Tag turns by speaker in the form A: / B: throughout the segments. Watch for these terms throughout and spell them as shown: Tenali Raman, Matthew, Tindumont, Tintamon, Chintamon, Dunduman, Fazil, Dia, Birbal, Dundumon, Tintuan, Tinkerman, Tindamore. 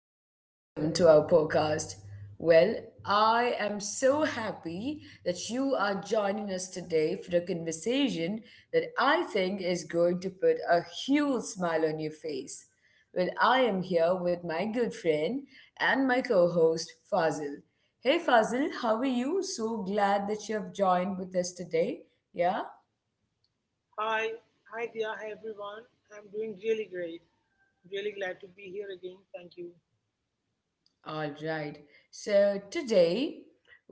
A: and welcome to our podcast. Well, I am so happy that you are joining us today for a conversation that I think is going to put a huge smile on your face. Well, I am here with my good friend and my co host, Fazil. Hey, Fazil, how are you? So glad that you have joined with us today. Yeah?
B: Hi, hi Dia, hi everyone. I'm doing really great. Really glad to be here again. Thank you.
A: All right. So today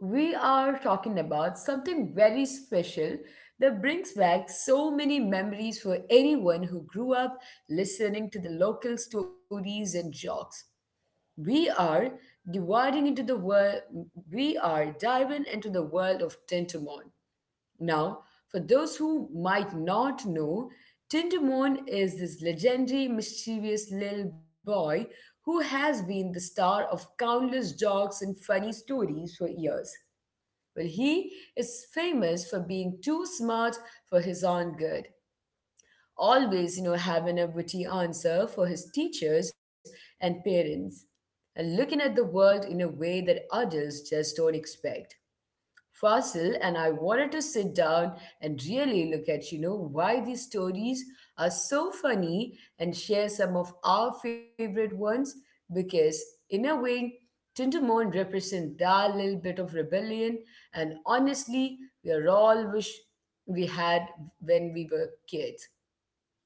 A: we are talking about something very special that brings back so many memories for anyone who grew up listening to the local stories and jokes. We are dividing into the world we are diving into the world of Tentamon. Now, for those who might not know, Tintamon is this legendary, mischievous little boy who has been the star of countless jokes and funny stories for years. Well, he is famous for being too smart for his own good, always, you know, having a witty answer for his teachers and parents, and looking at the world in a way that adults just don't expect. Fasil, and I wanted to sit down and really look at, you know, why these stories are so funny and share some of our favorite ones because, in a way, Tindermon represents that little bit of rebellion and honestly, we are all wish we had when we were kids.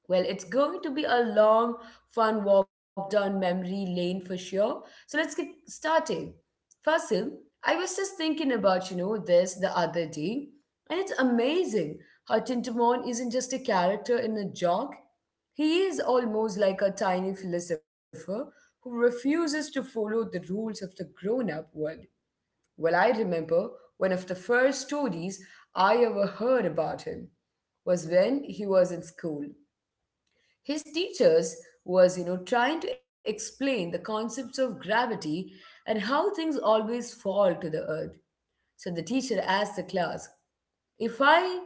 A: Well, it's going to be a long, fun walk down memory lane for sure. So let's get started. Fasil, I was just thinking about, you know, this the other day, and it's amazing how Tintamon isn't just a character in a joke. He is almost like a tiny philosopher who refuses to follow the rules of the grown-up world. Well, I remember one of the first stories I ever heard about him was when he was in school his teachers was, you know, trying to explain the concepts of gravity and how things always fall to the earth. So the teacher asked the class, if I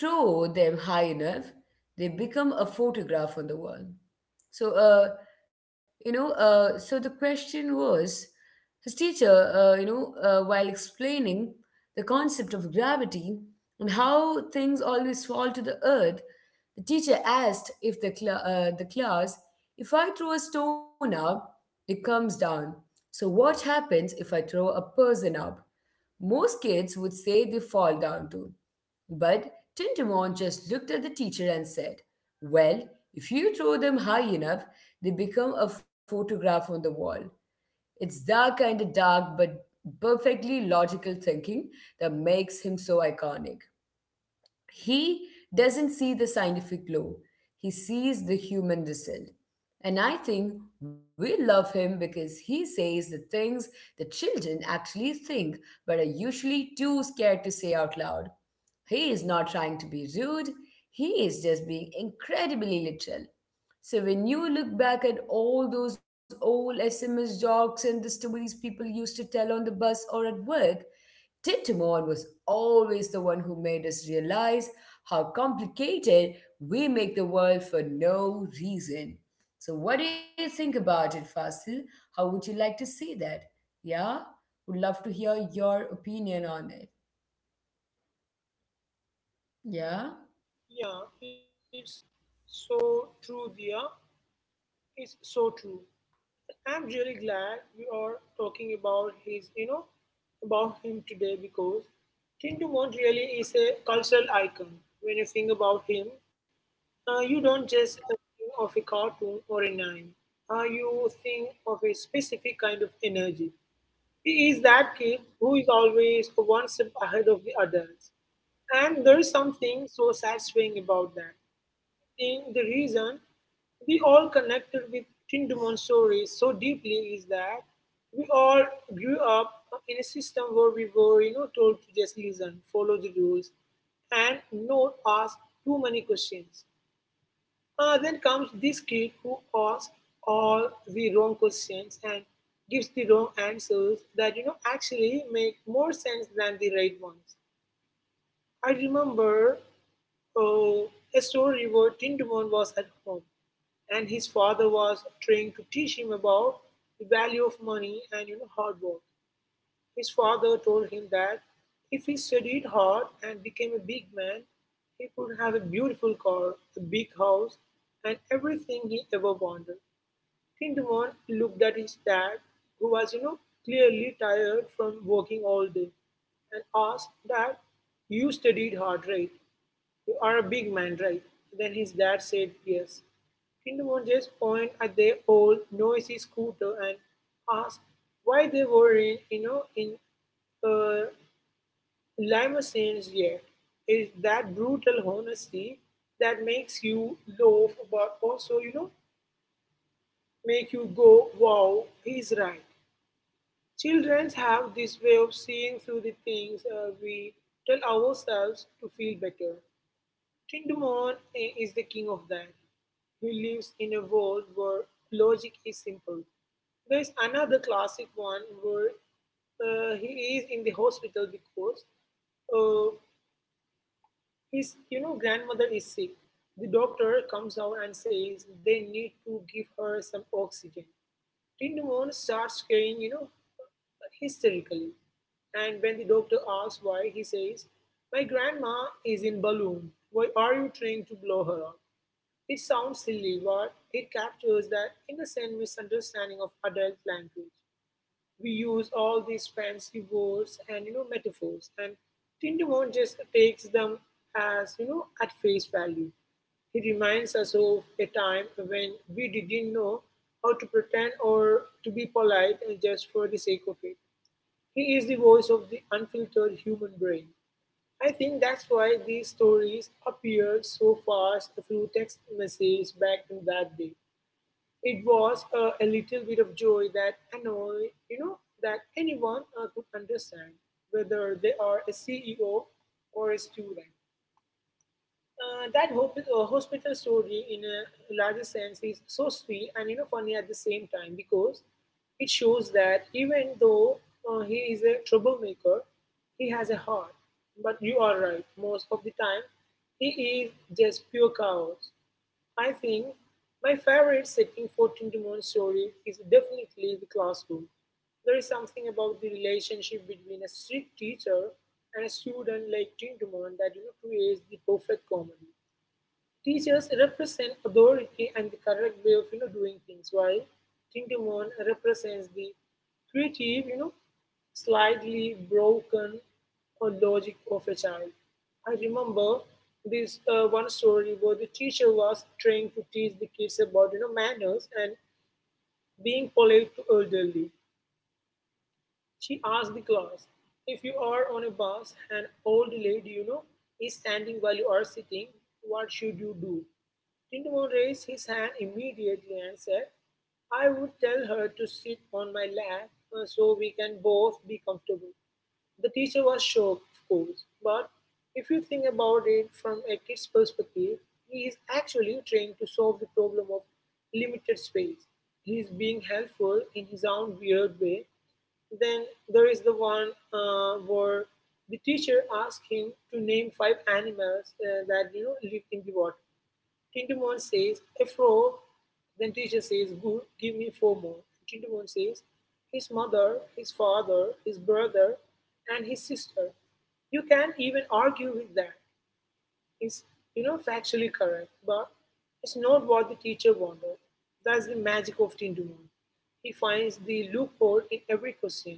A: throw them high enough, they become a photograph on the wall. So, you know, so the question was his teacher, while explaining the concept of gravity and how things always fall to the earth, the teacher asked if the class, if I throw a stone up, it comes down. So, what happens if I throw a person up? Most kids would say they fall down too. But Tintamon just looked at the teacher and said, well, if you throw them high enough, they become a photograph on the wall. It's that kind of dark but perfectly logical thinking that makes him so iconic. He doesn't see the scientific law, he sees the human result. And I think we love him because he says the things the children actually think but are usually too scared to say out loud. He is not trying to be rude, he is just being incredibly literal. So when you look back at all those old SMS jokes and the stories people used to tell on the bus or at work, Titamon was always the one who made us realize how complicated we make the world for no reason. So what do you think about it, Fasil? How would you like to see that? Yeah? Would love to hear your opinion on it. Yeah?
B: Yeah, it's so true, Dia. It's so true. I'm really glad we are talking about about him today because Tindumont really is a cultural icon. When you think about him, you don't just think of a cartoon or a name. You think of a specific kind of energy. He is that kid who is always one step ahead of the adults. And there is something so satisfying about that. In the reason we all connected with Tin Dumon stories so deeply is that we all grew up in a system where we were, told to just listen, follow the rules, and not ask too many questions. Then comes this kid who asks all the wrong questions and gives the wrong answers that you know actually make more sense than the right ones. I remember uh, a story where Tindamon was at home and his father was trying to teach him about the value of money and you know hard work. His father told him that if he studied hard and became a big man, he could have a beautiful car, a big house, and everything he ever wanted. Tindamon looked at his dad, who was, clearly tired from working all day, and asked that you studied hard, right? You are a big man, right? Then his dad said yes. Tindamon just pointed at their old noisy scooter and asked why they weren't, in uh, limousines yet. It's that brutal honesty that makes you laugh, but also, make you go, wow, he's right. Children have this way of seeing through the things we tell ourselves to feel better. Is the king of that. He lives in a world where logic is simple. There's another classic one where he is in the hospital because uh, his you know grandmother is sick. The doctor comes out and says they need to give her some oxygen. Tintamon starts crying, hysterically. And when the doctor asks why, he says, my grandma is in balloon. Why are you trying to blow her up? It sounds silly, but it captures that innocent misunderstanding of adult language. We use all these fancy words and you know metaphors, and Tindamon just takes them as you know at face value. He reminds us of a time when we didn't know how to pretend or to be polite and just for the sake of it. He is the voice of the unfiltered human brain. I think that's why these stories appeared so fast through text messages back in that day. It was a little bit of joy that that anyone could understand, whether they are a CEO or a student. That hospital story, in a larger sense, is so sweet and you know funny at the same time because it shows that even though he is a troublemaker, he has a heart. But you are right, most of the time, he is just pure chaos. I think my favorite setting for Tintamon story is definitely the classroom. There is something about the relationship between a strict teacher and a student like Tintamon that you know creates the perfect comedy. Teachers represent authority and the correct way of you know doing things, while Tintamon represents the creative, slightly broken or logic of a child. I remember this one story where the teacher was trying to teach the kids about you know manners and being polite to elderly. She asked the class, if you are on a bus and old lady, is standing while you are sitting, what should you do? Tindamon raised his hand immediately and said, I would tell her to sit on my lap so we can both be comfortable. The teacher was shocked, of course, but if you think about it from a kid's perspective, he is actually trying to solve the problem of limited space. He is being helpful in his own weird way. Then there is the one where the teacher asks him to name five animals that you know live in the water. Tindemon says, "A frog." Then teacher says, "Good, give me four more." Tindemon says, "His mother, his father, his brother, and his sister." You can't even argue with that. It's you know factually correct, but it's not what the teacher wanted. That's the magic of Tindemon. He finds the loophole in every question.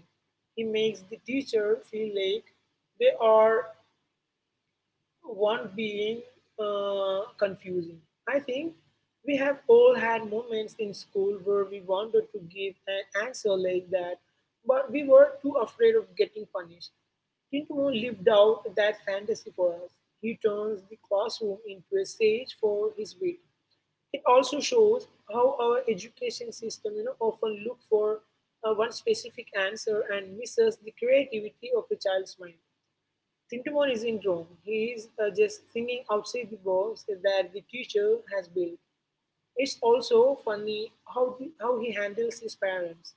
B: He makes the teacher feel like they are one being confusing. I think we have all had moments in school where we wanted to give an answer like that, but we were too afraid of getting punished. Tintin lived out that fantasy for us. He turns the classroom into a stage for his wit. It also shows how our education system you know, often look for one specific answer and misses the creativity of the child's mind. Tintamon is in Rome. He is just thinking outside the box that the teacher has built. It's also funny how he handles his parents.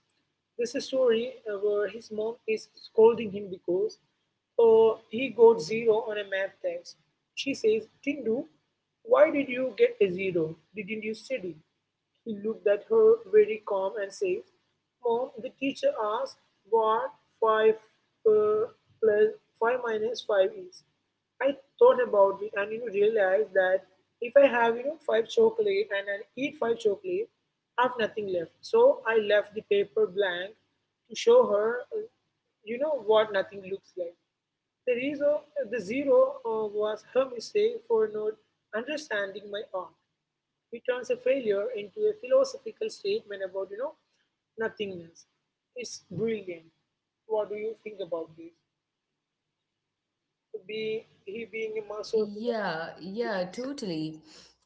B: There's a story where his mom is scolding him because he got zero on a math test. She says, Tindu, why did you get a zero? Didn't you study? He looked at her very calm and says, Mom, the teacher asked what 5 plus 5 minus 5 is. I thought about it and you know realized that if I have you know five chocolate and I eat five chocolate, I have nothing left. So I left the paper blank to show her, you know what nothing looks like. The zero was her mistake for not understanding my art. It turns a failure into a philosophical statement about you know nothingness. It's brilliant. What do you think about this? Be he being a master of you know,
A: Yeah, totally.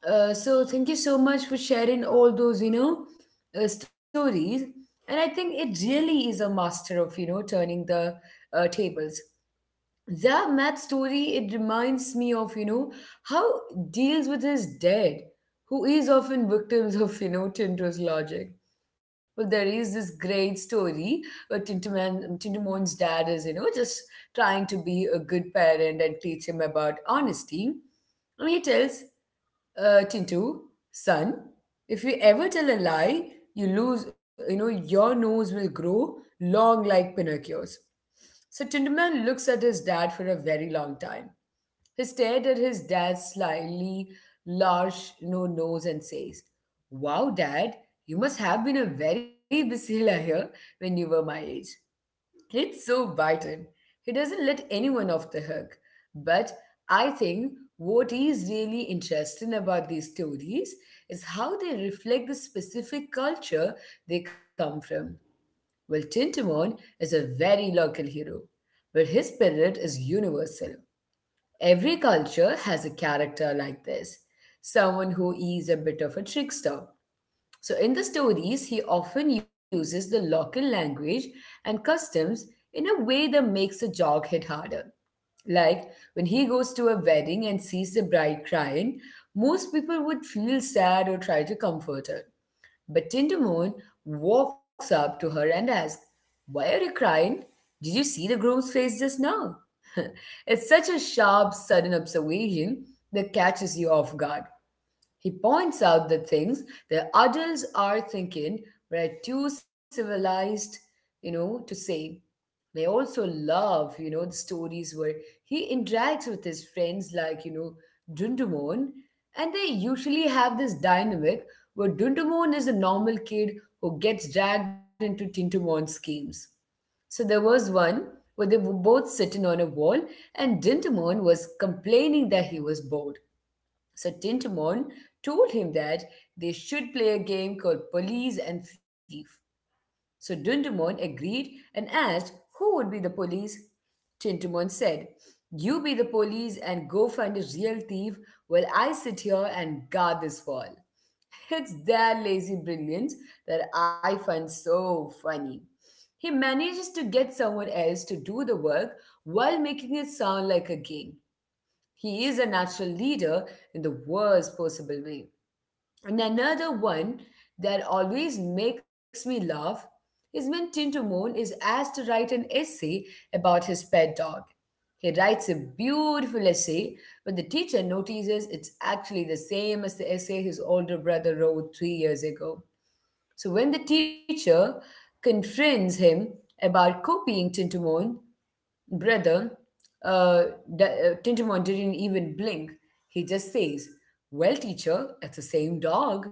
A: So thank you so much for sharing all those, you know, stories. And I think it really is a master of, you know, turning the tables that Matt story, it reminds me of, you know, how deals with his dad, who is often victims of, you know, Tinto's logic. Well, there is this great story where Tintomon's dad is, you know, just trying to be a good parent and teach him about honesty. And he tells Tintu, son, if you ever tell a lie, you lose, you know, your nose will grow long like Pinocchio's. So Tinderman looks at his dad for a very long time. He stared at his dad's slightly large no nose and says, wow, dad, you must have been a very busy liar when you were my age. It's so vital. He doesn't let anyone off the hook. But I think what is really interesting about these stories is how they reflect the specific culture they come from. Well, Tintamon is a very local hero, but his spirit is universal. Every culture has a character like this, someone who is a bit of a trickster. So, in the stories, he often uses the local language and customs in a way that makes the joke hit harder. Like when he goes to a wedding and sees the bride crying, most people would feel sad or try to comfort her. But Tinder Moon walks up to her and asks, why are you crying? Did you see the groom's face just now? It's such a sharp, sudden observation that catches you off guard. He points out that things that adults are thinking but are too civilized, you know, to say. I also love, you know, the stories where he interacts with his friends like, you know, Dundumon. And they usually have this dynamic where Dundumon is a normal kid who gets dragged into Tintumon's schemes. So there was one where they were both sitting on a wall and Dintamon was complaining that he was bored. So Tintamon told him that they should play a game called Police and Thief. So Dundumon agreed and asked who would be the police. Tintumon said, you be the police and go find a real thief while I sit here and guard this wall. It's their lazy brilliance that I find so funny. He manages to get someone else to do the work while making it sound like a game. He is a natural leader in the worst possible way. And another one that always makes me laugh is when Tinto is asked to write an essay about his pet dog. He writes a beautiful essay, but the teacher notices it's actually the same as the essay his older brother wrote 3 years ago. So when the teacher confronts him about copying Tintamon, Brother, uh, Tintamon didn't even blink. He just says, well, teacher, it's the same dog.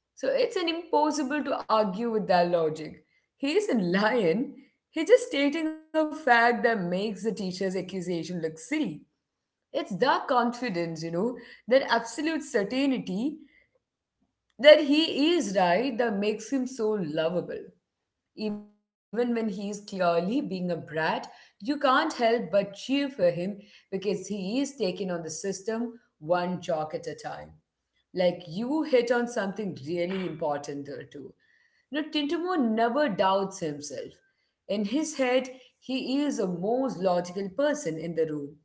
A: So it's an impossible to argue with that logic. He isn't lying. He's just stating a fact that makes the teacher's accusation look silly. It's the confidence, you know, that absolute certainty that he is right that makes him so lovable. Even when he is clearly being a brat, you can't help but cheer for him because he is taking on the system one jock at a time. Like you hit on something really important there too. Now, Tintamo never doubts himself. In his head, he is the most logical person in the room,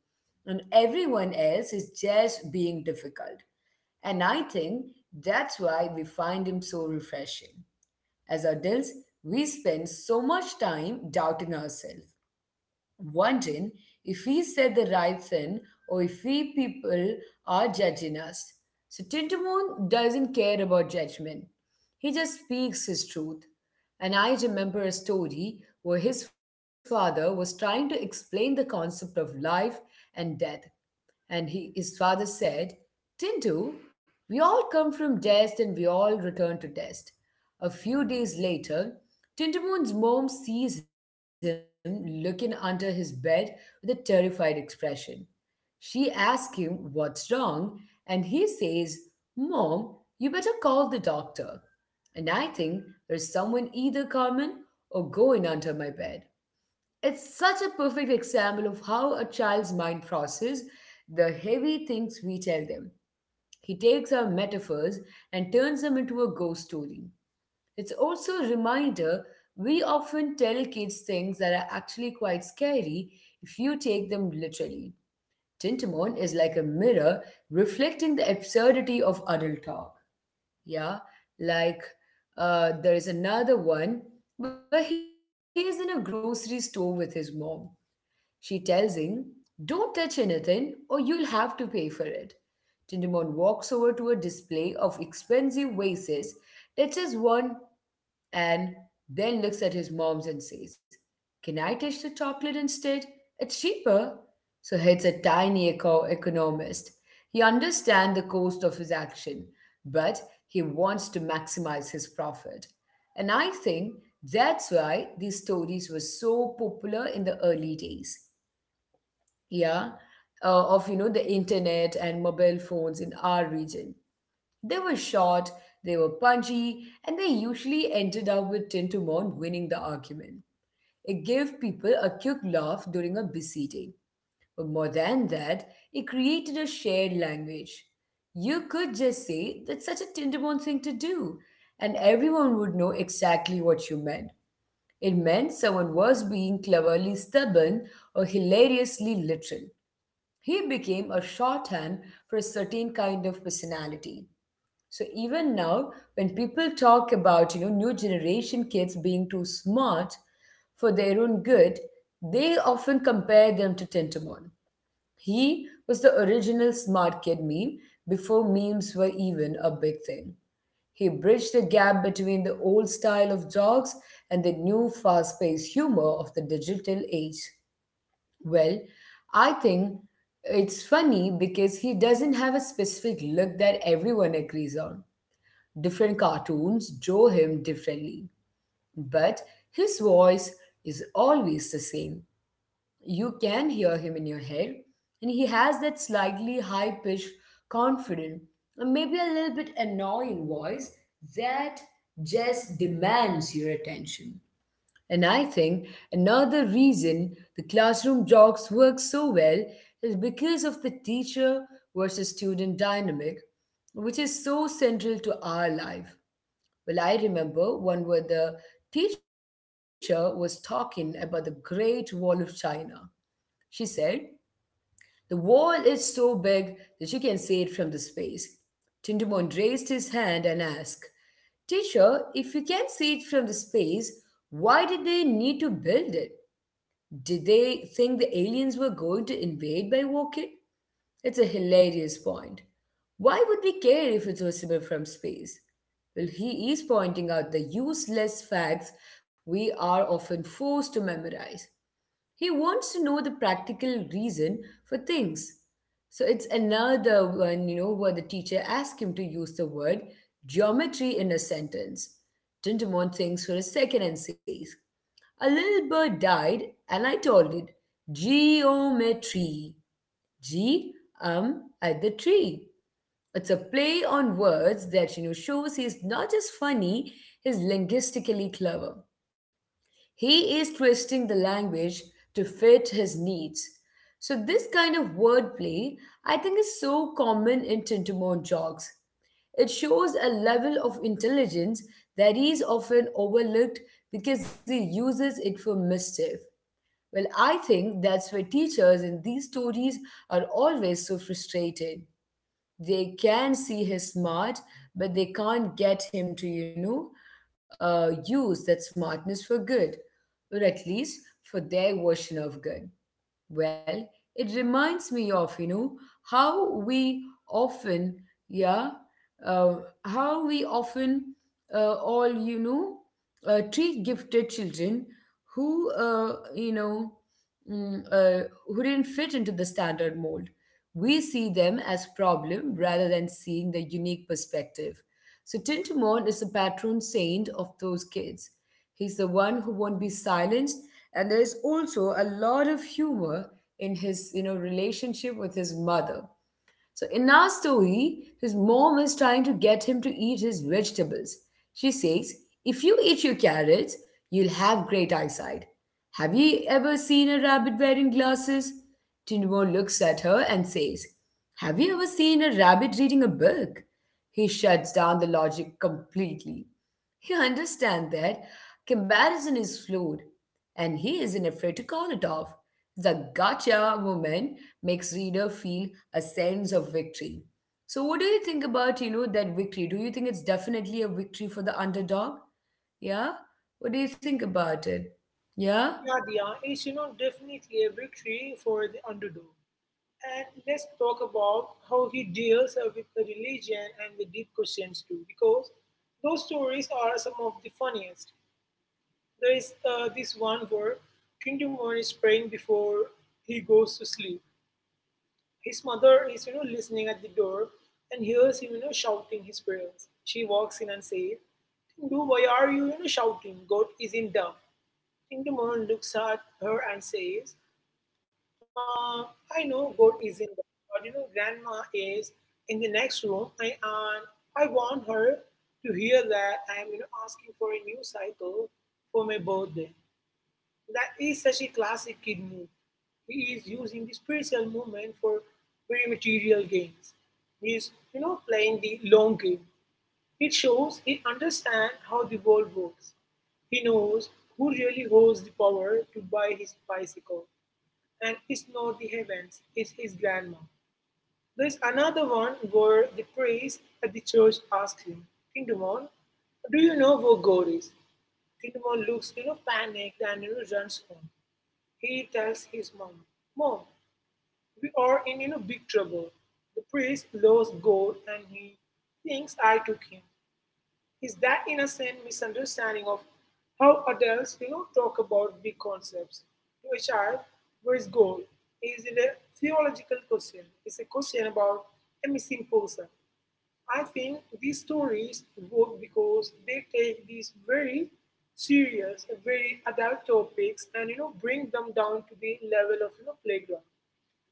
A: and everyone else is just being difficult. And I think that's why we find him so refreshing. As adults, we spend so much time doubting ourselves, wondering if we said the right thing or if we people are judging us. So Tintamoon doesn't care about judgment. He just speaks his truth. And I remember a story where his father was trying to explain the concept of life and death. His father said, Tintu, we all come from dust and we all return to dust. A few days later, Tintamoon's mom sees him looking under his bed with a terrified expression. She asks him what's wrong, and he says, mom, you better call the doctor. And I think there's someone either coming or going under my bed. It's such a perfect example of how a child's mind processes the heavy things we tell them. He takes our metaphors and turns them into a ghost story. It's also a reminder we often tell kids things that are actually quite scary if you take them literally. Tintamon is like a mirror reflecting the absurdity of adult talk. Yeah, like there is another one where he is in a grocery store with his mom she tells him, don't touch anything or you'll have to pay for it. Tindamon walks over to a display of expensive vases, touches one, and then looks at his mom's and says, can I touch the chocolate instead? It's cheaper. So he's a tiny economist. He understands the cost of his action, but he wants to maximize his profit. And I think that's why these stories were so popular in the early days yeah, of you know the internet and mobile phones in our region. They were short, they were punchy, and they usually ended up with Tintamon winning the argument. It gave people a quick laugh during a busy day. But more than that, it created a shared language. You could just say that's such a Tintamon thing to do, and everyone would know exactly what you meant. It meant someone was being cleverly stubborn or hilariously literal. He became a shorthand for a certain kind of personality. So even now, when people talk about new generation kids being too smart for their own good, they often compare them to Tentamon. He was the original smart kid meme before memes were even a big thing. He bridged the gap between the old style of jokes and the new fast-paced humor of the digital age. Well, I think it's funny because he doesn't have a specific look that everyone agrees on. Different cartoons draw him differently, but his voice is always the same. You can hear him in your head, and he has that slightly high pitched, confident, and maybe a little bit annoying voice that just demands your attention. And I think another reason the classroom jokes work so well is because of the teacher versus student dynamic, which is so central to our life. Well, I remember one where the teacher was talking about the Great Wall of China. She said, the wall is so big that you can see it from the space. Tindamon raised his hand and asked, teacher, if you can see it from the space, why did they need to build it? Did they think the aliens were going to invade by walking? It's a hilarious point. Why would we care if it's visible from space? Well, he is pointing out the useless facts we are often forced to memorize. He wants to know the practical reason for things. So it's another one, you know, where the teacher asked him to use the word geometry in a sentence. Tintamon thinks for a second and says, a little bird died, and I told it geometry. G at the tree. It's a play on words that shows he's not just funny, he's linguistically clever. He is twisting the language to fit his needs. So this kind of wordplay, I think, is so common in Tintamon jogs. It shows a level of intelligence that is often overlooked because he uses it for mischief. Well, I think that's why teachers in these stories are always so frustrated. They can see his smart, but they can't get him to, you know, use that smartness for good, or at least for their version of good. Well, it reminds me of, you know, how we often, yeah, uh, how we often all you know treat gifted children who who didn't fit into the standard mold. We see them as problem rather than seeing the unique perspective. So Tintamon is the patron saint of those kids. He's the one who won't be silenced. And there's also a lot of humor in his relationship with his mother. So in our story, his mom is trying to get him to eat his vegetables. She says, if you eat your carrots, you'll have great eyesight. Have you ever seen a rabbit wearing glasses? Tindmore looks at her and says, have you ever seen a rabbit reading a book? He shuts down the logic completely. He understands that comparison is flawed, and he isn't afraid to call it off. The gotcha moment makes reader feel a sense of victory. So, what do you think about that victory? Do you think it's definitely a victory for the underdog? Yeah. What do you think about it? Yeah.
B: yeah, Dia, it's you know definitely a victory for the underdog. And let's talk about how he deals with the religion and the deep questions too, because those stories are some of the funniest. There is this one where Tindamon is praying before he goes to sleep. His mother is, listening at the door and hears him, shouting his prayers. She walks in and says, Tindu, why are you, shouting? God isn't deaf. Tindamon looks at her and says, uh, I know God is in that, but you know, grandma is in the next room, and I want her to hear that I am, asking for a new cycle for my birthday. That is such a classic kid move. He is using the spiritual movement for very material gains. He is, playing the long game. It shows he understands how the world works. He knows who really holds the power to buy his bicycle, and it's not the heavens, it's his grandma. There's another one where the priest at the church asks him, Tindamon, do you know where God is? Tindamon looks, panicked and runs home. He tells his mom, Mom, we are in you know big trouble. The priest lost God and he thinks I took him. Is that innocent misunderstanding of how adults you know talk about big concepts to a child. Where is God? Is it a theological question? It's a question about a missing person. I think these stories work because they take these very serious, very adult topics and you know bring them down to the level of you know playground.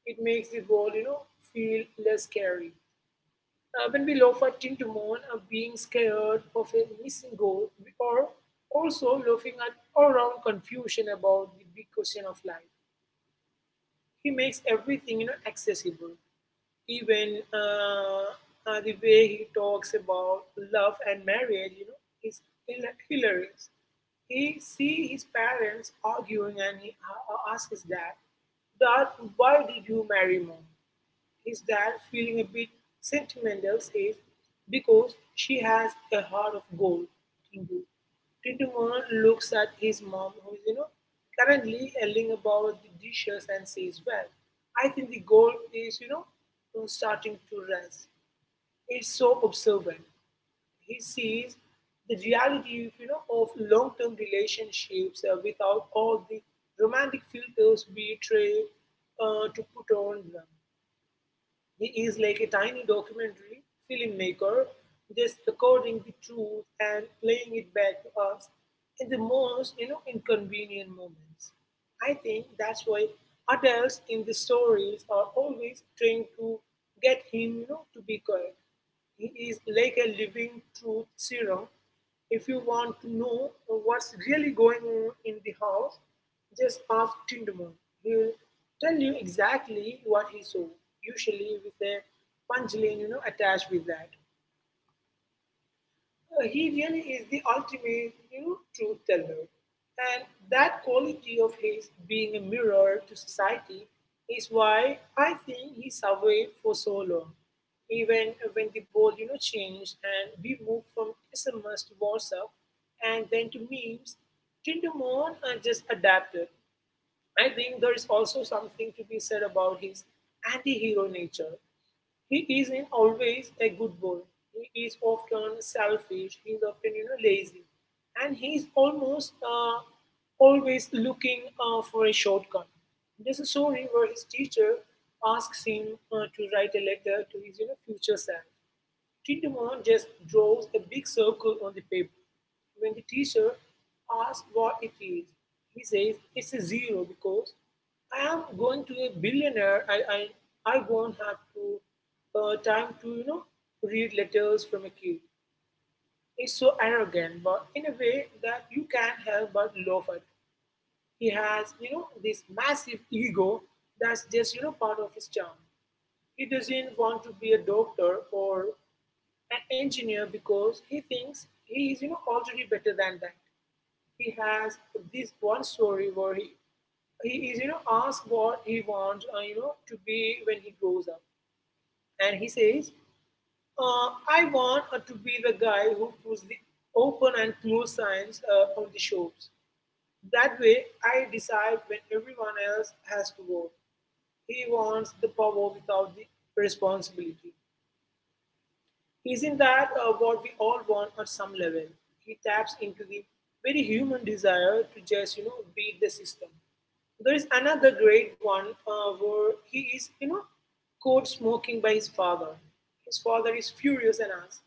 B: It makes the world you know feel less scary. Uh, when we laugh at Tin to Moon being scared of a missing goal, we are also laughing at our own confusion about the big question of life. He makes everything you know accessible, even the way he talks about love and marriage. You know, is hilarious. He see his parents arguing and he asks his dad, "Dad, why did you marry mom?" His dad, feeling a bit sentimental, says, because she has a heart of gold, Tindu. Tintumon looks at his mom, who is, currently yelling about the dishes and says, well, I think the gold is, starting to rise. It's so observant. He sees the reality you know, of long-term relationships without all the romantic filters we try to put on them. He is like a tiny documentary filmmaker, just recording the truth and playing it back to us in the most you know inconvenient moments. I think that's why adults in the stories are always trying to get him you know, to be correct. He is like a living truth serum. If you want to know what's really going on in the house, just ask Tindamon. He will tell you exactly what he saw, usually with a punchline attached with that. No, he really is the ultimate, truth teller. And that quality of his being a mirror to society is why I think he survived for so long. Even when the world, changed and we moved from SMS to WhatsApp and then to memes, Tindermon just adapted. I think there is also something to be said about his anti hero nature. He isn't always a good boy. He is often selfish. He is often lazy. And he is almost always looking for a shortcut. There's a story where his teacher asks him to write a letter to his future self. Tiedemann just draws a big circle on the paper. When the teacher asks what it is, he says, "It's a zero because I am going to a billionaire. I won't have to time to read letters from a kid." It's so arrogant, but in a way that you can't help but laugh at. He has this massive ego that's just part of his charm. He doesn't want to be a doctor or an engineer because he thinks he is already better than that. He has this one story where he is asked what he wants to be when he grows up, and he says, uh, "I want to be the guy who puts the open and close signs on the shops. That way I decide when everyone else has to go." He wants the power without the responsibility. Isn't that what we all want at some level? He taps into the very human desire to just, beat the system. There is another great one where he is, caught smoking by his father. His father is furious and asks,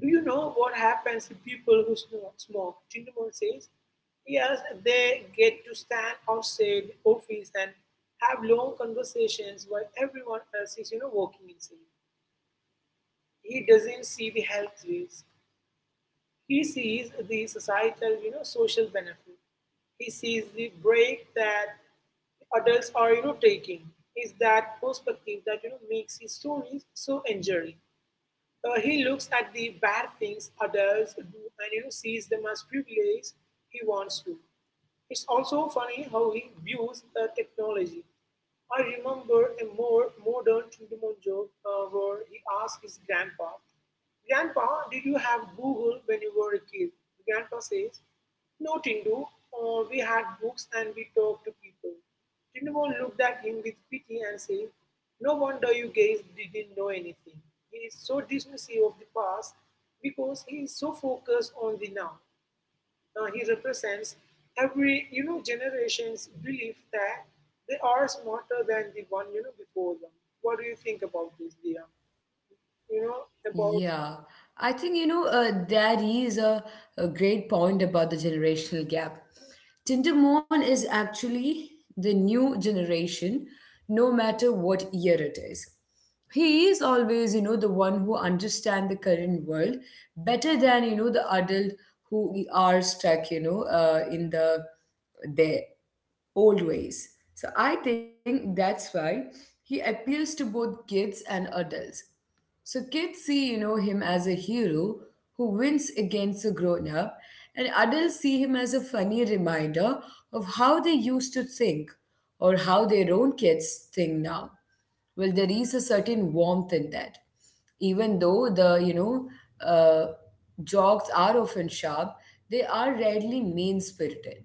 B: "Do you know what happens to people who smoke?" Tindamon says, "Yes, they get to stand outside the office and have long conversations while everyone else is, walking inside." He doesn't see the health risk. He sees the societal, social benefit. He sees the break that adults are, taking. Is that perspective that makes his stories so enduring? He looks at the bad things adults do and sees them as privilege he wants to. It's also funny how he views technology. I remember a more modern Chundumon joke where he asked his grandpa, "Grandpa, did you have Google when you were a kid?" Grandpa says, "No, Tindu. We had books and we talked to people." Tindumon looked at him with pity and said, "No wonder you guys didn't know anything." He is so dismissive of the past because he is so focused on the now. He represents every generation's belief that they are smarter than the one before them. What do you think about this, Dia? You know about
A: Yeah, I think that is a great point about the generational gap. Tindermon is actually the new generation, no matter what year it is. He is always, you know, the one who understands the current world better than the adult who are stuck, you know, in the there old ways. So I think that's why he appeals to both kids and adults. So kids see, you know, him as a hero who wins against a grown up, and adults see him as a funny reminder of how they used to think or how their own kids think now. Well, there is a certain warmth in that. Even though the, you know, uh, jokes are often sharp, they are rarely mean spirited.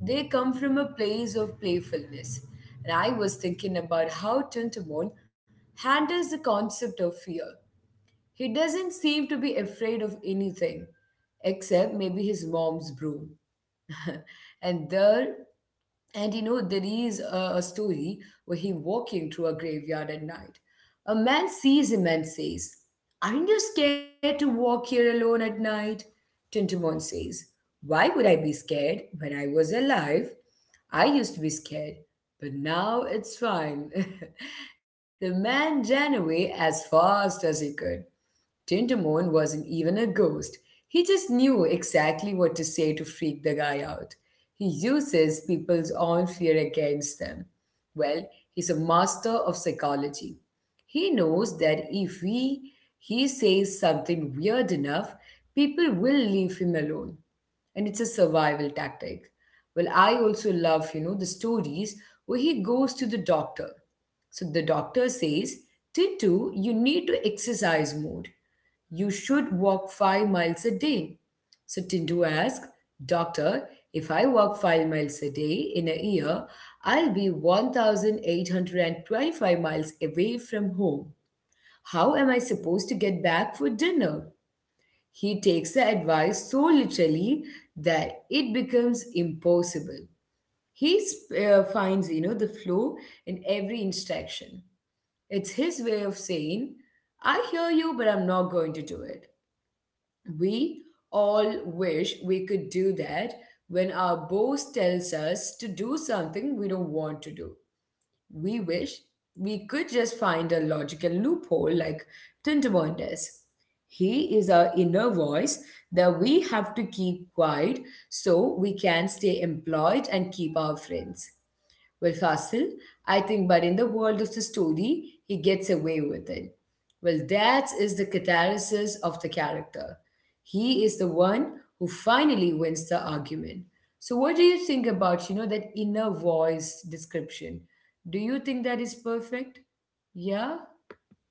A: They come from a place of playfulness. And I was thinking about how Tintamon handles the concept of fear. He doesn't seem to be afraid of anything, except maybe his mom's broom. and there and there is a story where he walking through a graveyard at night. A man sees him and says, aren't you scared to walk here alone at night? Tintamon says, why would I be scared? When I was alive, I used to be scared, but now it's fine. The man ran away as fast as he could. Tintamon wasn't even a ghost. He just knew exactly what to say to freak the guy out. He uses people's own fear against them. Well, he's a master of psychology. He knows that if we, he says something weird enough, people will leave him alone, and it's a survival tactic. Well, I also love, you know, the stories where he goes to the doctor. So the doctor says, Tintu, you need to exercise more. You should walk 5 miles a day. So Tintu asks, doctor, if I walk 5 miles a day in a year, I'll be 1,825 miles away from home. How am I supposed to get back for dinner? He takes the advice so literally that it becomes impossible. He finds, you know, the flow in every instruction. It's his way of saying, I hear you, but I'm not going to do it. We all wish we could do that when our boss tells us to do something we don't want to do. We wish we could just find a logical loophole like Tintamon does. He is our inner voice that we have to keep quiet so we can stay employed and keep our friends. Well, Hassel, I think, but in the world of the story, he gets away with it. Well, that is the catalysis of the character. He is the one who finally wins the argument. So, what do you think about, you know, that inner voice description? Do you think that is perfect? Yeah?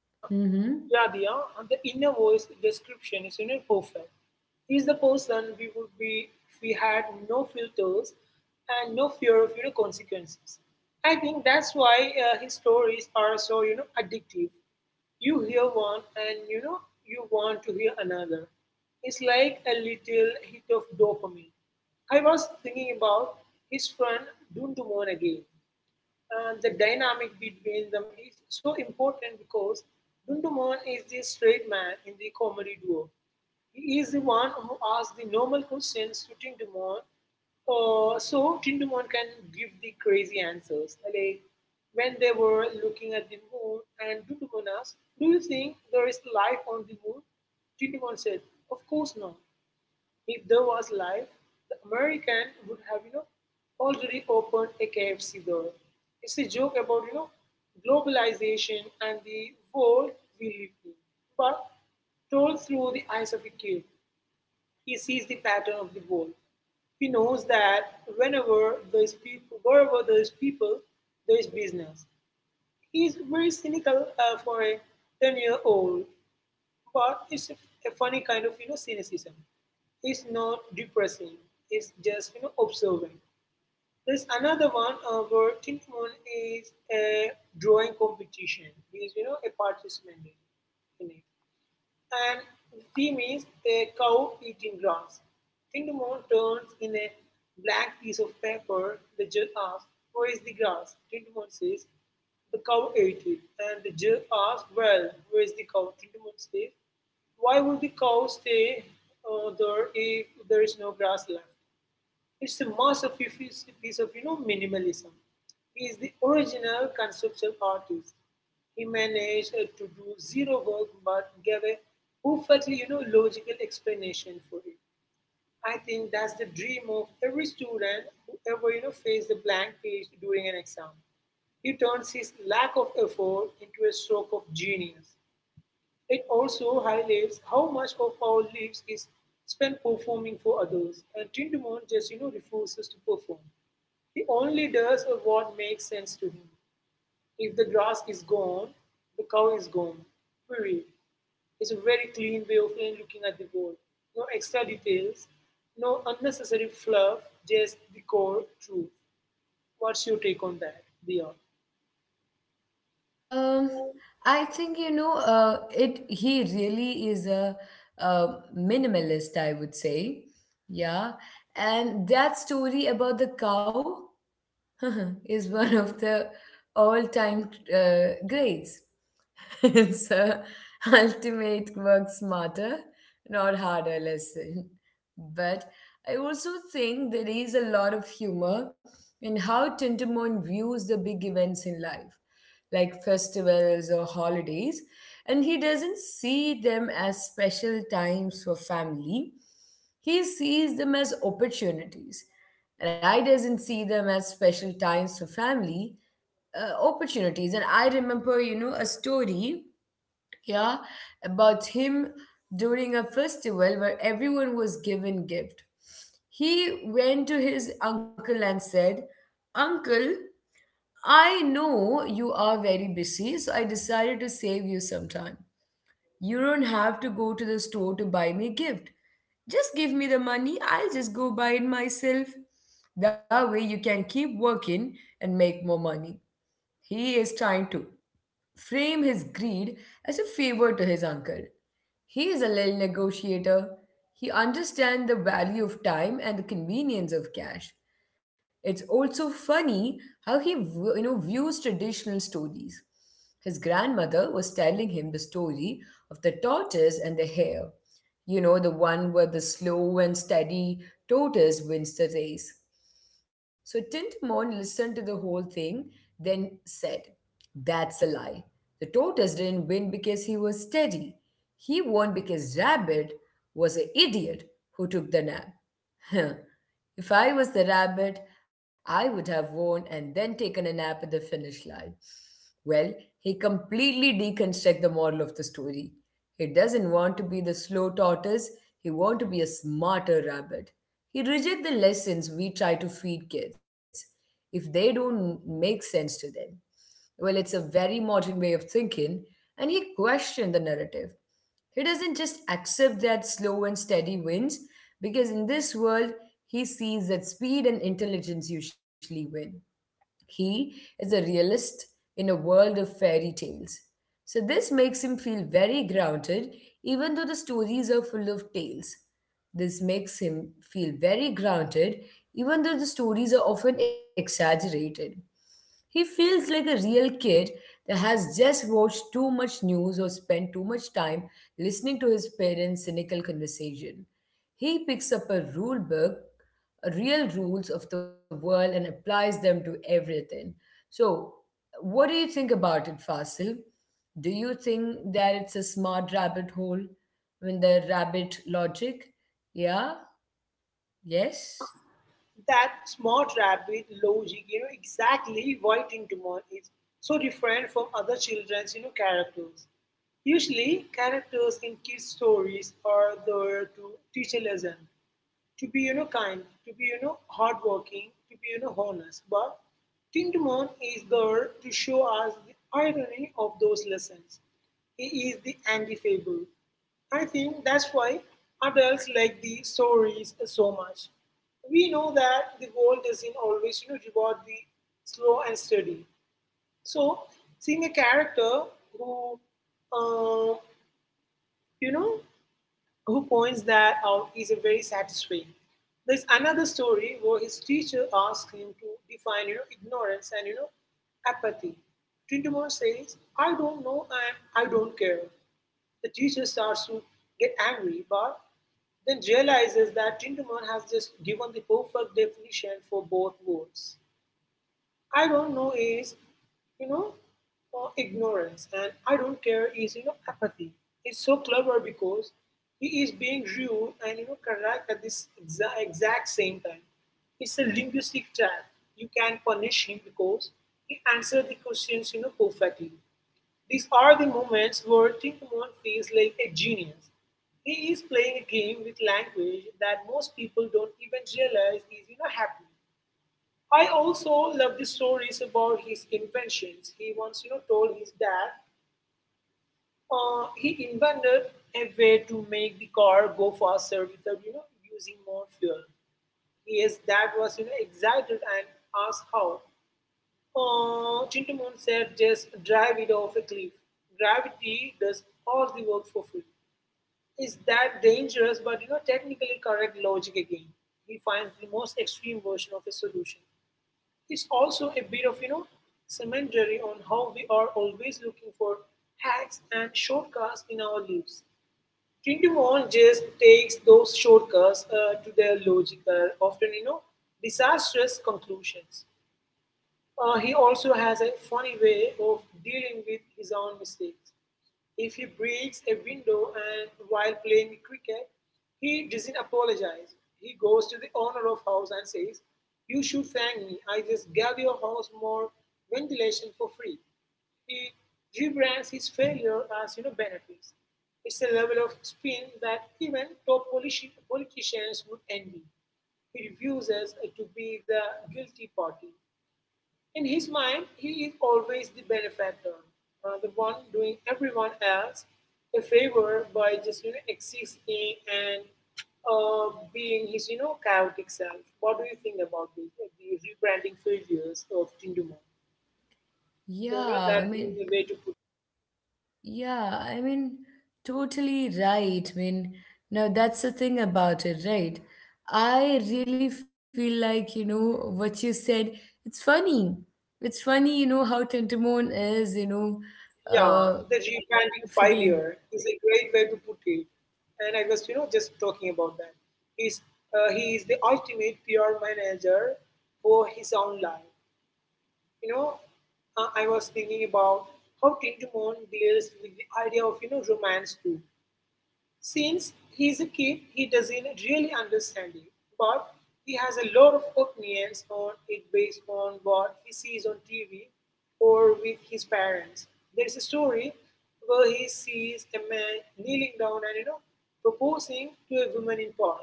B: Yeah,
A: Mm-hmm.
B: yeah, Diya. And the inner voice description is, perfect. He's the person we would be if we had no filters and no fear of, consequences. I think that's why his stories are so, addictive. You hear one and, you want to hear another. It's like a little hit of dopamine. I was thinking about his friend Dundumon again. And the dynamic between them is so important because Dunduman is the straight man in the comedy duo. He is the one who asks the normal questions to Tindumon, so Tindumon can give the crazy answers. Like when they were looking at the moon, and Dundumon asked, "Do you think there is life on the moon?" Tindumon said, "Of course not. If there was life, the American would have, already opened a KFC there." It's a joke about, globalization and the world we live in. But told through the eyes of a kid, he sees the pattern of the world. He knows that wherever there's people, there's business. He's very cynical for a 10-year-old year old. But it's a funny kind of cynicism. It's not depressing. It's just observing. There's another one where Tin Moon is a drawing competition. He's a participant in it, and Steam is a cow eating grass. Tindamon turns in a black piece of paper. The judge asks, "Where is the grass?" Tindamon says, "The cow ate it." And the judge asks, "Well, where is the cow?" Tindamon says, "Why would the cow stay there if there is no grass left?" It's a masterpiece piece piece of minimalism. He is the original conceptual artist. He managed to do zero work but gave a perfectly logical explanation for it. I think that's the dream of every student who ever faced a blank page during an exam. He turns his lack of effort into a stroke of genius. It also highlights how much of our lives is spent performing for others, and Tindamon just refuses to perform. He only does what makes sense to him. If the grass is gone, the cow is gone. Period. It's a very clean way of looking at the world. No extra details, no unnecessary fluff, just the core truth. What's your take on that, Dia?
A: Um, I think you know, it he really is a, uh minimalist, I would say. Yeah, and that story about the cow is one of the all-time greats. It's a ultimate work smarter, not harder lesson. But I also think there is a lot of humor in how Tintamon views the big events in life, like festivals or holidays, and he doesn't see them as special times for family. He sees them as opportunities. And I doesn't see them as special times for family, opportunities. And I remember, you know, a story yeah about him during a festival where everyone was given gift. He went to his uncle and said, uncle, I know you are very busy, so I decided to save you some time. You don't have to go to the store to buy me a gift. Just give me the money. I'll just go buy it myself. That way you can keep working and make more money. He is trying to frame his greed as a favor to his uncle. He is a little negotiator. He understands the value of time and the convenience of cash. It's also funny how he views traditional stories. His grandmother was telling him the story of the tortoise and the hare, you know, the one where the slow and steady tortoise wins the race. So Tintamon listened to the whole thing, then said, that's a lie. The tortoise didn't win because he was steady. He won because Rabbit was an idiot who took the nap. Huh. If I was the rabbit, I would have won and then taken a nap at the finish line. Well, he completely deconstructs the moral of the story. He doesn't want to be the slow tortoise, he wants to be a smarter rabbit. He rejects the lessons we try to feed kids if they don't make sense to them. Well, it's a very modern way of thinking, and he questioned the narrative. He doesn't just accept that slow and steady wins, because in this world, he sees that speed and intelligence usually win. He is a realist in a world of fairy tales. So, this makes him feel very grounded, even though the stories are full of tales. This makes him feel very grounded, even though the stories are often exaggerated. He feels like a real kid that has just watched too much news or spent too much time listening to his parents' cynical conversation. He picks up a rule book, real rules of the world, and applies them to everything. So, what do you think about it, Fasil? Do you think that it's a smart rabbit hole? I mean, the rabbit logic? Yeah? Yes?
B: That smart rabbit logic, exactly why Tintamon is so different from other children's, characters. Usually, characters in kids' stories are there to teach a lesson, to be kind, to be hardworking, to be honest. But Tintamon is there to show us the irony of those lessons. He is the anti-fable. I think that's why adults like the stories so much. We know that the world doesn't always reward the slow and steady. So seeing a character who uh, you know who points that out is a very satisfying. There's another story where his teacher asks him to define ignorance and apathy. Tindamore says, "I don't know and I don't care." The teacher starts to get angry, but then realizes that Tindamore has just given the perfect definition for both words. "I don't know" is, you know, ignorance, and "I don't care" is, apathy. It's so clever because he is being rude and, correct at this exact same time. It's a linguistic trap. You can punish him because he answered the questions, perfectly. These are the moments where Tintamon feels like a genius. He is playing a game with language that most people don't even realize is, happening. I also love the stories about his inventions. He once, told his dad he invented a way to make the car go faster without, using more fuel. His dad was, excited and asked how. Chintamon said, "Just drive it off a cliff. Gravity does all the work for free." Is that dangerous, but, technically correct logic again. He finds the most extreme version of a solution. It's also a bit of, commentary on how we are always looking for hacks and shortcuts in our lives. 21 just takes those shortcuts to their logical, often, disastrous conclusions. He also has a funny way of dealing with his own mistakes. If he breaks a window and while playing cricket, he doesn't apologize. He goes to the owner of house and says, "You should thank me. I just gave your house more ventilation for free." He rebrands his failure as benefits. It's a level of spin that even top politicians would envy. He refuses to be the guilty party. In his mind, he is always the benefactor, the one doing everyone else a favor by just existing and being his chaotic self. What do you think about this? The rebranding failures of Tindumon. You know
A: Yeah, I
B: that
A: mean,
B: being a way to put.
A: Yeah, I mean, Totally right. Now that's the thing about it, right? I really feel like, you know, what you said, it's funny. It's funny, you know, how Tentamon is,
B: Yeah, the
A: uh,
B: rebranding failure
A: figuring.
B: is a great way to put it, and I was just talking about that. He's he is the ultimate PR manager for his own life. you know, I was thinking about how Tintamon deals with the idea of, romance too. Since he's a kid, he doesn't really understand it, but he has a lot of opinions on it based on what he sees on TV or with his parents. There's a story where he sees a man kneeling down and, proposing to a woman in park.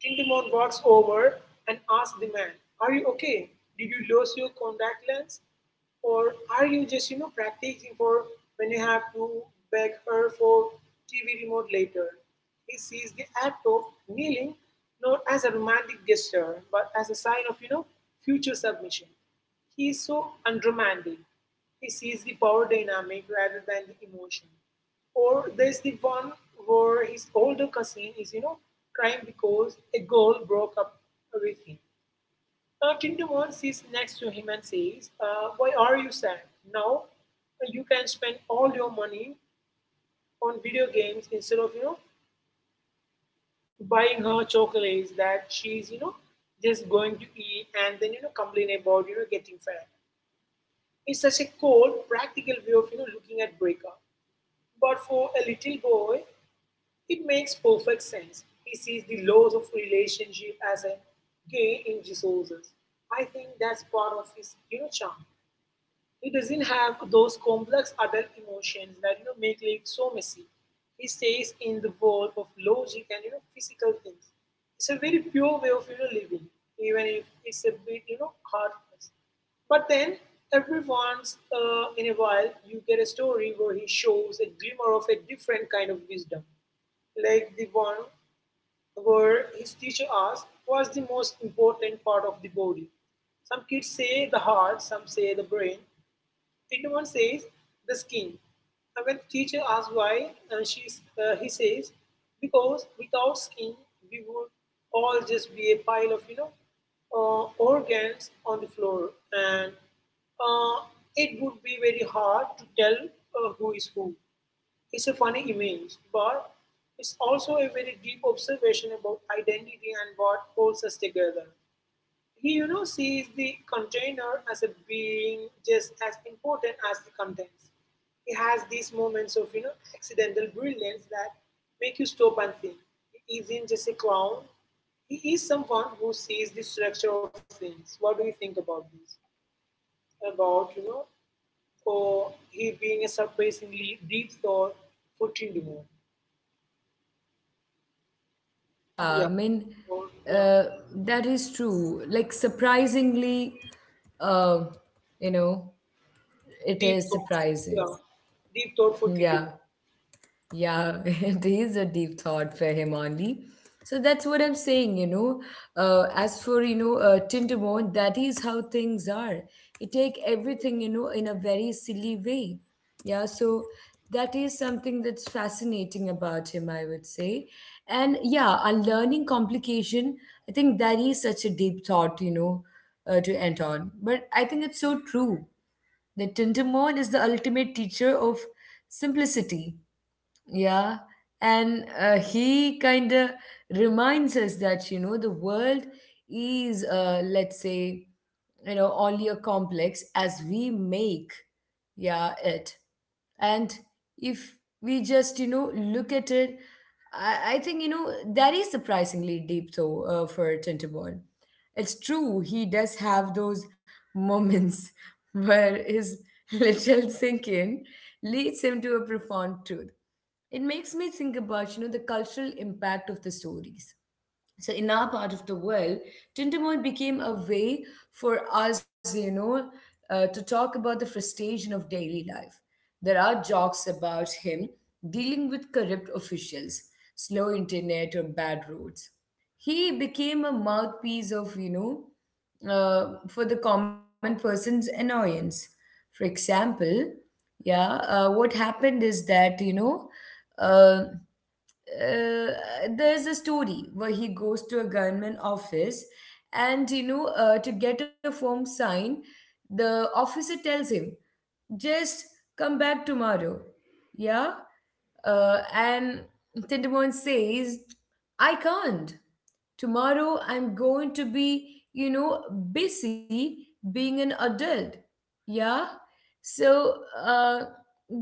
B: Tintamon walks over and asks the man, "Are you okay? Did you lose your contact lens? Or are you just, practicing for when you have to beg her for TV remote later?" He sees the act of kneeling not as a romantic gesture, but as a sign of, future submission. He is so unromantic. He sees the power dynamic rather than the emotion. Or there's the one where his older cousin is, crying because a girl broke up with him. Tintamon sits next to him and says, "Why are you sad? Now you can spend all your money on video games instead of, buying her chocolates that she's, just going to eat and then, complain about, getting fat." It's such a cold, practical way of, looking at breakup. But for a little boy, it makes perfect sense. He sees the laws of relationship as a gain in resources. I think that's part of his, charm. He doesn't have those complex adult emotions that make life so messy. He stays in the world of logic and physical things. It's a very pure way of living, even if it's a bit heartless. But then every once in a while, you get a story where he shows a glimmer of a different kind of wisdom, like the one where his teacher asks, "What's the most important part of the body?" Some kids say the heart, some say the brain, Tintuan says the skin. And when the teacher asks why, he says, because without skin, we would all just be a pile of, organs on the floor. And uh, it would be very hard to tell who is who. It's a funny image, but it's also a very deep observation about identity and what holds us together. He, sees the container as a being just as important as the contents. He has these moments of, accidental brilliance that make you stop and think. He isn't just a clown. He is someone who sees the structure of things. What do you think about this? About, or he being a surprisingly deep thought for Tindamore.
A: Yeah,
B: Yeah.
A: I mean,
B: Or, yeah.
A: uh, that is true. Like, surprisingly, uh, you know, it
B: Deep
A: is
B: thought.
A: surprising.
B: Yeah. Deep thought for
A: Yeah.
B: Tindamore.
A: Yeah, it is a deep thought for him only. So that's what I'm saying, you know. As for, Tintamon, that is how things are. You take everything, you know, in a very silly way. Yeah, so that is something that's fascinating about him, I would say. And yeah, unlearning complication, I think that is such a deep thought, to end on. But I think it's so true that Tintamon is the ultimate teacher of simplicity, yeah, and he kind of reminds us that, you know, the world is, let's say, you know, only a complex as we make, yeah, it. And if we just, you know, look at it, I think, you know, that is surprisingly deep, though, for Tintaborn. It's true, he does have those moments where his literal thinking leads him to a profound truth. It makes me think about, you know, the cultural impact of the stories. So in our part of the world, Tintamoy became a way for us, to talk about the frustration of daily life. There are jokes about him dealing with corrupt officials, slow internet, or bad roads. He became a mouthpiece of, for the common person's annoyance. For example, yeah, what happened is that, uh, uh, there's a story where he goes to a government office and to get a form signed, the officer tells him, just come back tomorrow, yeah. And Tindamon says, I can't. Tomorrow I'm going to be, you know, busy being an adult, yeah. So uh,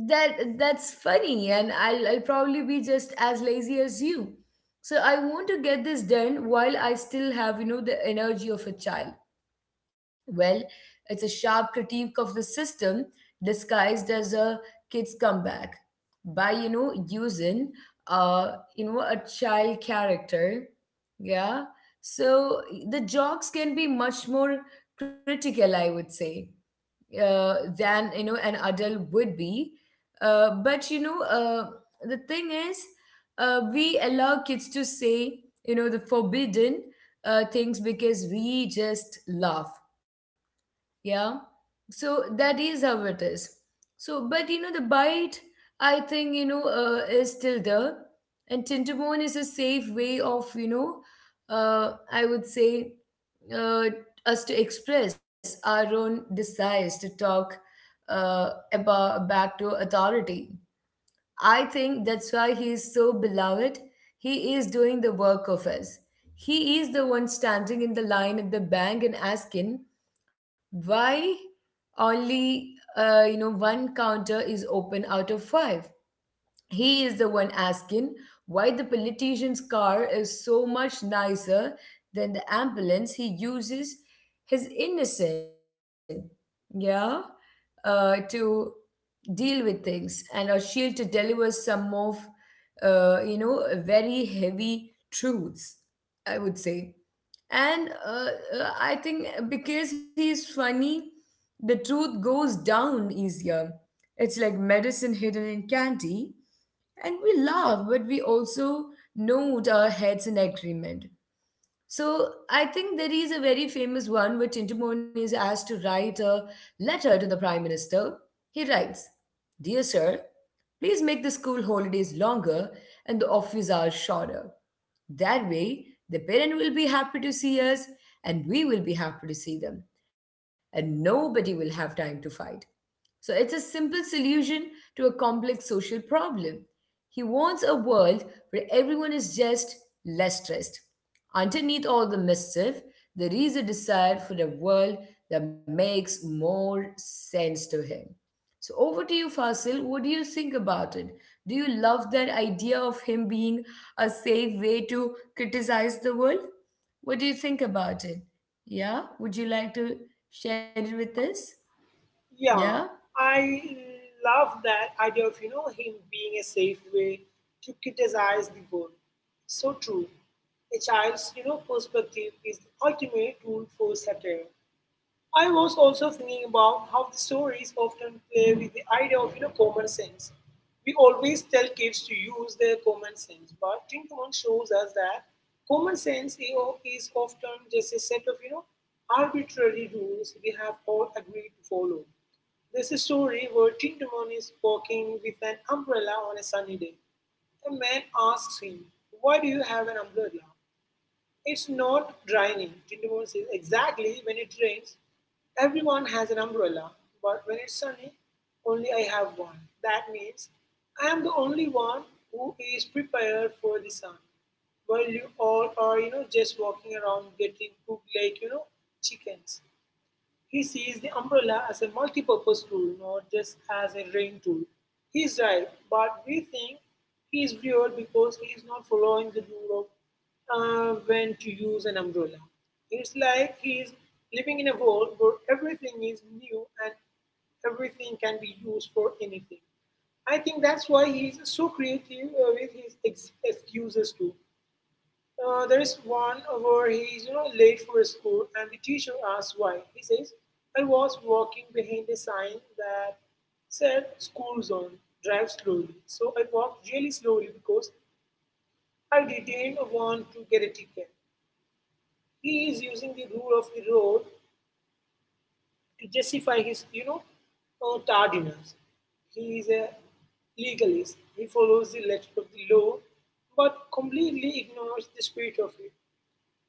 A: that's funny and I'll probably be just as lazy as you, so I want to get this done while I still have, you know, the energy of a child. Well, it's a sharp critique of the system disguised as a kids comeback by, you know, using a child character, yeah. So the jokes can be much more critical, I would say, than, you know, an adult would be. But the thing is, we allow kids to say, you know, the forbidden things because we just laugh, yeah. So that is how it is. So, but you know, the bite, I think, you know, is still there. And tintamon is a safe way of, I would say, uh, us to express our own desires to talk about back to authority. I think that's why he is so beloved. He is doing the work of us. He is the one standing in the line at the bank and asking, why only you know one counter is open out of five? He is the one asking why the politician's car is so much nicer than the ambulance he uses his innocent, yeah, to deal with things and a shield to deliver some of you know very heavy truths, I would say. And uh, uh, i think uh, because he's funny, the truth goes down easier. It's like medicine hidden in candy, and we laugh but we also note our heads in agreement. So I think there is a very famous one where Tintamon is asked to write a letter to the Prime Minister. He writes, Dear Sir, please make the school holidays longer and the office hours shorter. That way, the parent will be happy to see us and we will be happy to see them, and nobody will have time to fight. So it's a simple solution to a complex social problem. He wants a world where everyone is just less stressed. Underneath all the mischief, there is a desire for a world that makes more sense to him. So over to you, Fasil. What do you think about it? Do you love that idea of him being a safe way to criticize the world? What do you think about it? Yeah? Would you like to share it with us? Yeah?
B: Yeah, I love that idea of him being a safe way to criticize the world. So true. A child's perspective is the ultimate tool for satire. I was also thinking about how the stories often play with the idea of common sense. We always tell kids to use their common sense, but Tinkerman shows us that common sense is often just a set of arbitrary rules we have all agreed to follow. There's a story where Tinkerman is walking with an umbrella on a sunny day. A man asks him, "Why do you have an umbrella?" It's not raining indoors is exactly when it rains. Everyone has an umbrella, but when it's sunny, only I have one. That means I am the only one who is prepared for the sun. While you all are, just walking around getting cooked like, chickens. He sees the umbrella as a multi-purpose tool, not just as a rain tool. He's right, but we think he's weird because he's not following the rule of when to use an umbrella. It's like he's living in a world where everything is new and everything can be used for anything. I think that's why he's so creative with his excuses too. There is one where he's late for school, and the teacher asks why. He says, "I was walking behind a sign that said school zone. Drive slowly. So I walked really slowly because I didn't want to get a ticket." He is using the rule of the road to justify his tardiness. He is a legalist. He follows the letter of the law, but completely ignores the spirit of it.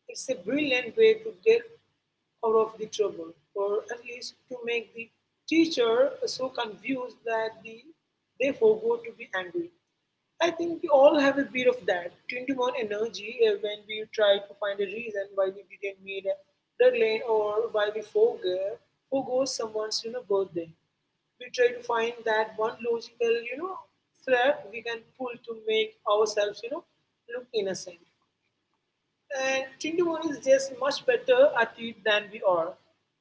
B: It's a brilliant way to get out of the trouble, or at least to make the teacher so confused that they forego to be angry. I think we all have a bit of that 21 energy when we try to find a reason why we didn't meet a deadline or why we forego, forego someone's birthday. We try to find that one logical thread we can pull to make ourselves look innocent. And Tintamon is just much better at it than we are.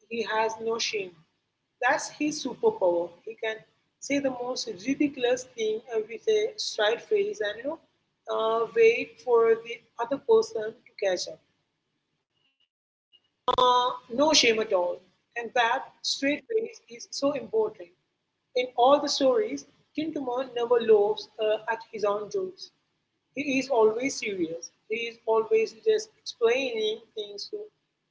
B: He has no shame. That's his superpower. He can say the most ridiculous thing with a straight face and wait for the other person to catch up. No shame at all. And that straight face is so important. In all the stories, Tintamon never laughs at his own jokes. He is always serious. He is always just explaining things to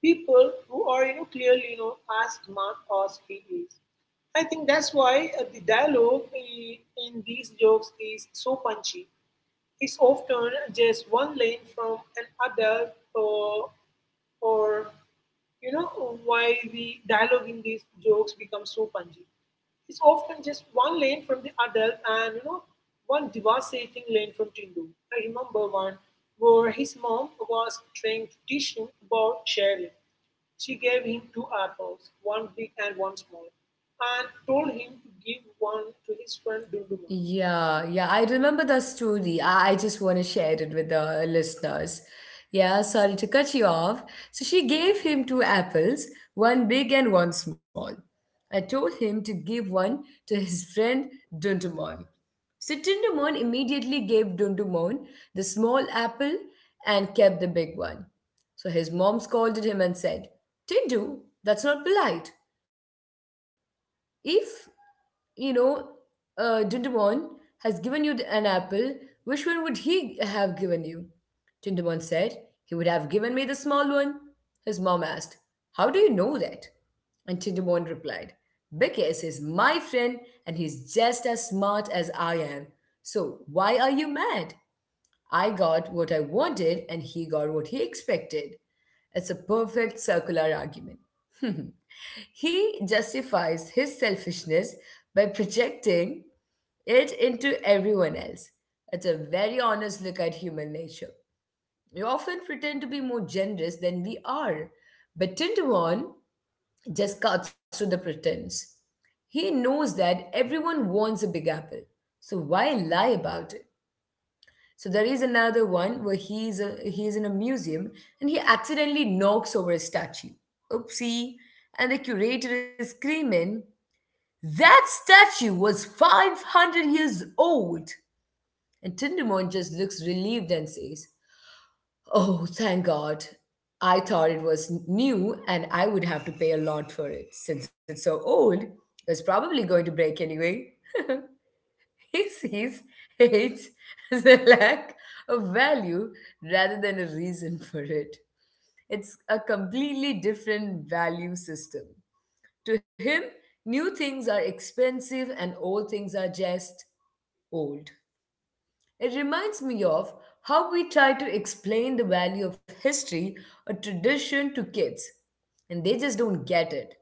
B: people who are, clearly, as smart as he is. I think that's why the dialogue in these jokes is so punchy is often just one lane from an adult or why the dialogue in these jokes becomes so punchy. It's often just one lane from the adult and one devastating lane from Tindu. I remember one where his mom was trying to teach him about sharing. She gave him two apples, one big and one small, and told him to give one to his friend
A: Yeah, yeah, I remember the story. I just want to share it with the listeners. Yeah, sorry to cut you off. So she gave him two apples, one big and one small. I told him to give one to his friend Dundumon. So Dundumon immediately gave Dundumon the small apple and kept the big one. So his mom scolded him and said, Tindu, that's not polite. If you know, Dindabon has given you an apple. Which one would he have given you? Dindabon said, He would have given me the small one. His mom asked, How do you know that? And Tindabon replied, Because he's my friend and he's just as smart as I am. So why are you mad? I got what I wanted and he got what he expected. It's a perfect circular argument. He justifies his selfishness by projecting it into everyone else. It's a very honest look at human nature. We often pretend to be more generous than we are, but Tintawan just cuts through the pretense. He knows that everyone wants a big apple, so why lie about it? So there is another one where he's in a museum and he accidentally knocks over a statue. Oopsie! And the curator is screaming, "That statue was 500 years old!" And Tindamon just looks relieved and says, "Oh, thank God! I thought it was new and I would have to pay a lot for it. Since it's so old, it's probably going to break anyway." He sees hate as a lack of value rather than a reason for it. It's a completely different value system. To him, new things are expensive and old things are just old. It reminds me of how we try to explain the value of history or tradition to kids, and they just don't get it.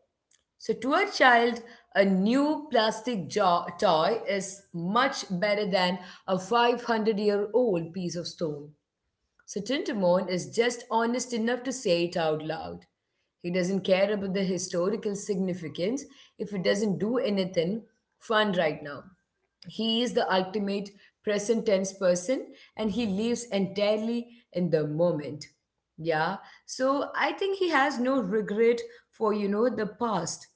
A: So, to a child, a new plastic toy is much better than a 500-year-old piece of stone. So Tuntumon is just honest enough to say it out loud. He doesn't care about the historical significance if it doesn't do anything fun right now. He is the ultimate present tense person and he lives entirely in the moment. Yeah. So I think he has no regret for, you know, the past.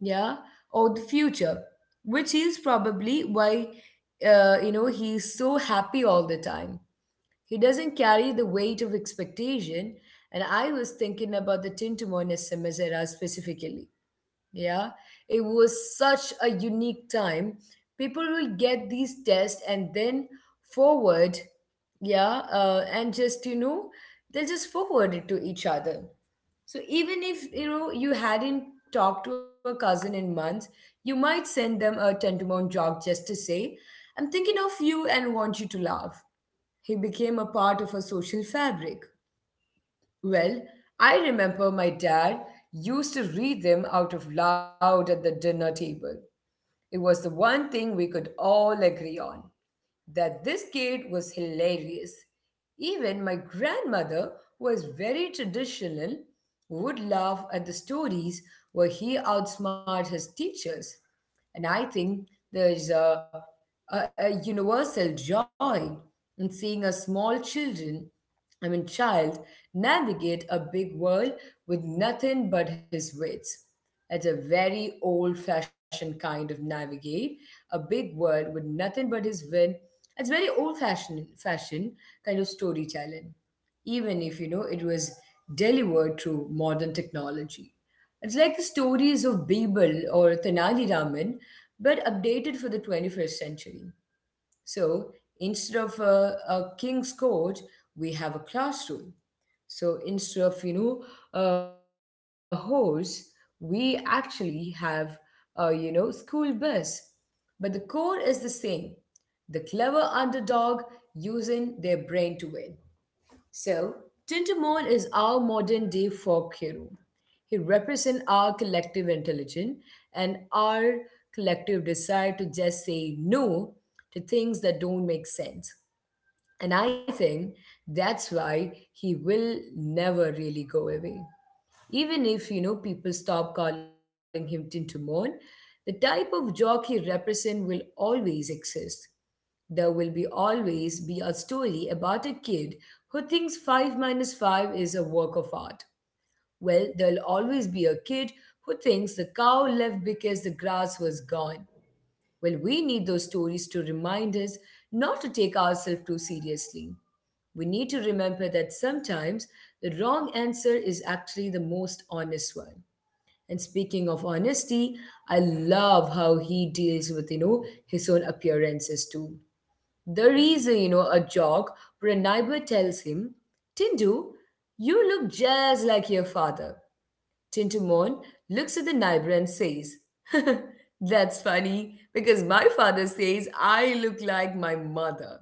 A: Yeah. Or the future, which is probably why, you know, he's so happy all the time. He doesn't carry the weight of expectation. And I was thinking about the Tintamon SMS era specifically. Yeah, it was such a unique time. People will get these tests and then forward, yeah, and just, you know, they'll just forward it to each other. So even if, you know, you hadn't talked to a cousin in months, you might send them a Tintamon joke just to say, I'm thinking of you and want you to laugh. He became a part of our social fabric. Well, I remember my dad used to read them out of loud at the dinner table. It was the one thing we could all agree on that this kid was hilarious. Even my grandmother, who was very traditional, would laugh at the stories where he outsmarted his teachers. And I think there is a universal joy in seeing a small children, I mean child, navigate a big world with nothing but his wits. It's a very old-fashioned kind of navigate a big world with nothing but his wit. It's very old-fashioned, fashioned kind of storytelling even if you know it was delivered through modern technology. It's like the stories of Birbal or Tenali Raman, but updated for the 21st century. So instead of a king's court, we have a classroom. So instead of, you know, a horse, we actually have a, you know, school bus. But the core is the same: the clever underdog using their brain to win. So, Tintamol is our modern day folk hero. He represents our collective intelligence and our collective desire to just say no to things that don't make sense. And I think that's why he will never really go away. Even if, you know, people stop calling him Tintamon, the type of jock he represents will always exist. There will be always be a story about a kid who thinks 5 minus 5 is a work of art. Well, there'll always be a kid who thinks the cow left because the grass was gone. Well, we need those stories to remind us not to take ourselves too seriously. We need to remember that sometimes the wrong answer is actually the most honest one. And speaking of honesty, I love how he deals with, you know, his own appearances too. There is, you know, a joke where a neighbor tells him, Tindu, you look just like your father. Tintu Mon looks at the neighbor and says, That's funny because my father says I look like my mother.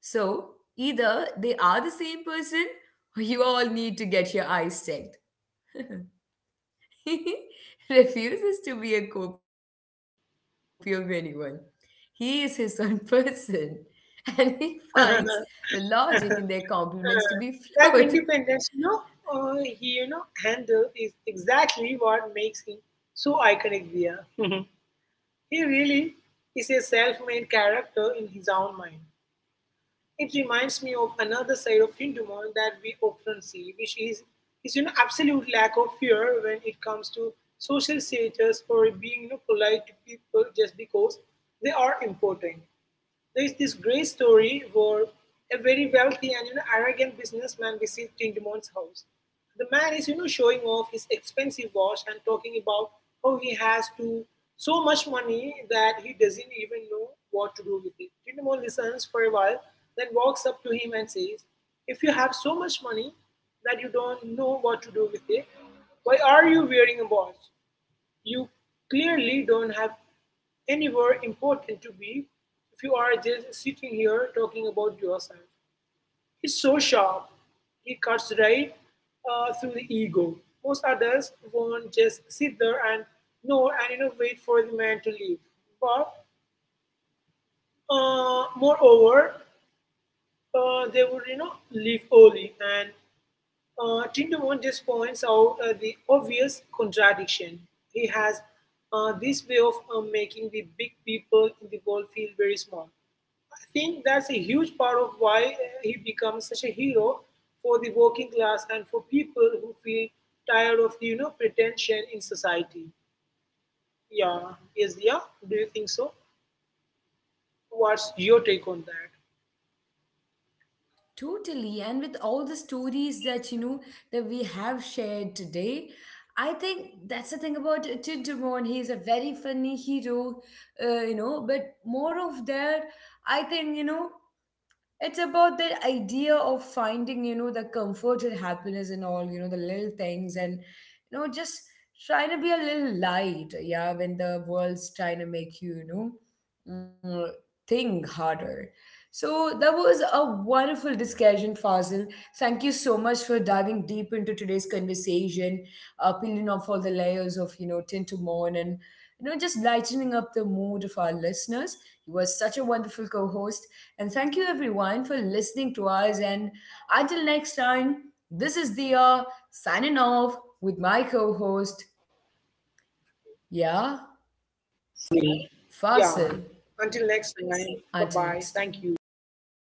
A: So either they are the same person or you all need to get your eyes checked. He refuses to be a copy of anyone. He is his own person, and he finds the logic in
B: Dunduman.
A: their compliments to be flawed.
B: That independence, uh, he, handle is exactly what makes him so iconic there. He really is a self-made character in his own mind. It reminds me of another side of Tindumon that we often see, which is his absolute lack of fear when it comes to social status or being polite to people just because they are important. There is this great story where a very wealthy and arrogant businessman visits Tindamon's house. The man is, showing off his expensive watch and talking about how he has to so much money that he doesn't even know what to do with it. Tindamon listens for a while, then walks up to him and says, "If you have so much money that you don't know what to do with it, why are you wearing a watch? You clearly don't have anywhere important to be if you are just sitting here talking about yourself." He's so sharp. He cuts right through the ego. Most others won't just sit there and know and wait for the man to leave. But moreover, they would leave early and Tindemont just points out the obvious contradiction. He has this way of making the big people in the world feel very small. I think that's a huge part of why he becomes such a hero for the working class and for people who feel tired of pretension in society. Yeah, yes, yeah. Do you think so? What's your take on that?
A: Totally. And with all the stories that you know that we have shared today, I think that's the thing about Tintamon. He's a very funny hero, you know, but more of that, I think, you know, it's about that idea of finding, you know, the comfort and happiness and all, you know, the little things and you know just trying to be a little light, yeah, when the world's trying to make you, you know, mm, think harder. So that was a wonderful discussion, Fazil. Thank you so much for diving deep into today's conversation, peeling off all the layers of, you know, tint to morn and, you know, just lightening up the mood of our listeners. He was such a wonderful co host. And thank you, everyone, for listening to us. And until next time, this is Dia signing off with my co host, yeah,
B: Fine. Yeah. Until
A: Fasil.
B: next time. Bye bye. Thank you.
A: Until next time.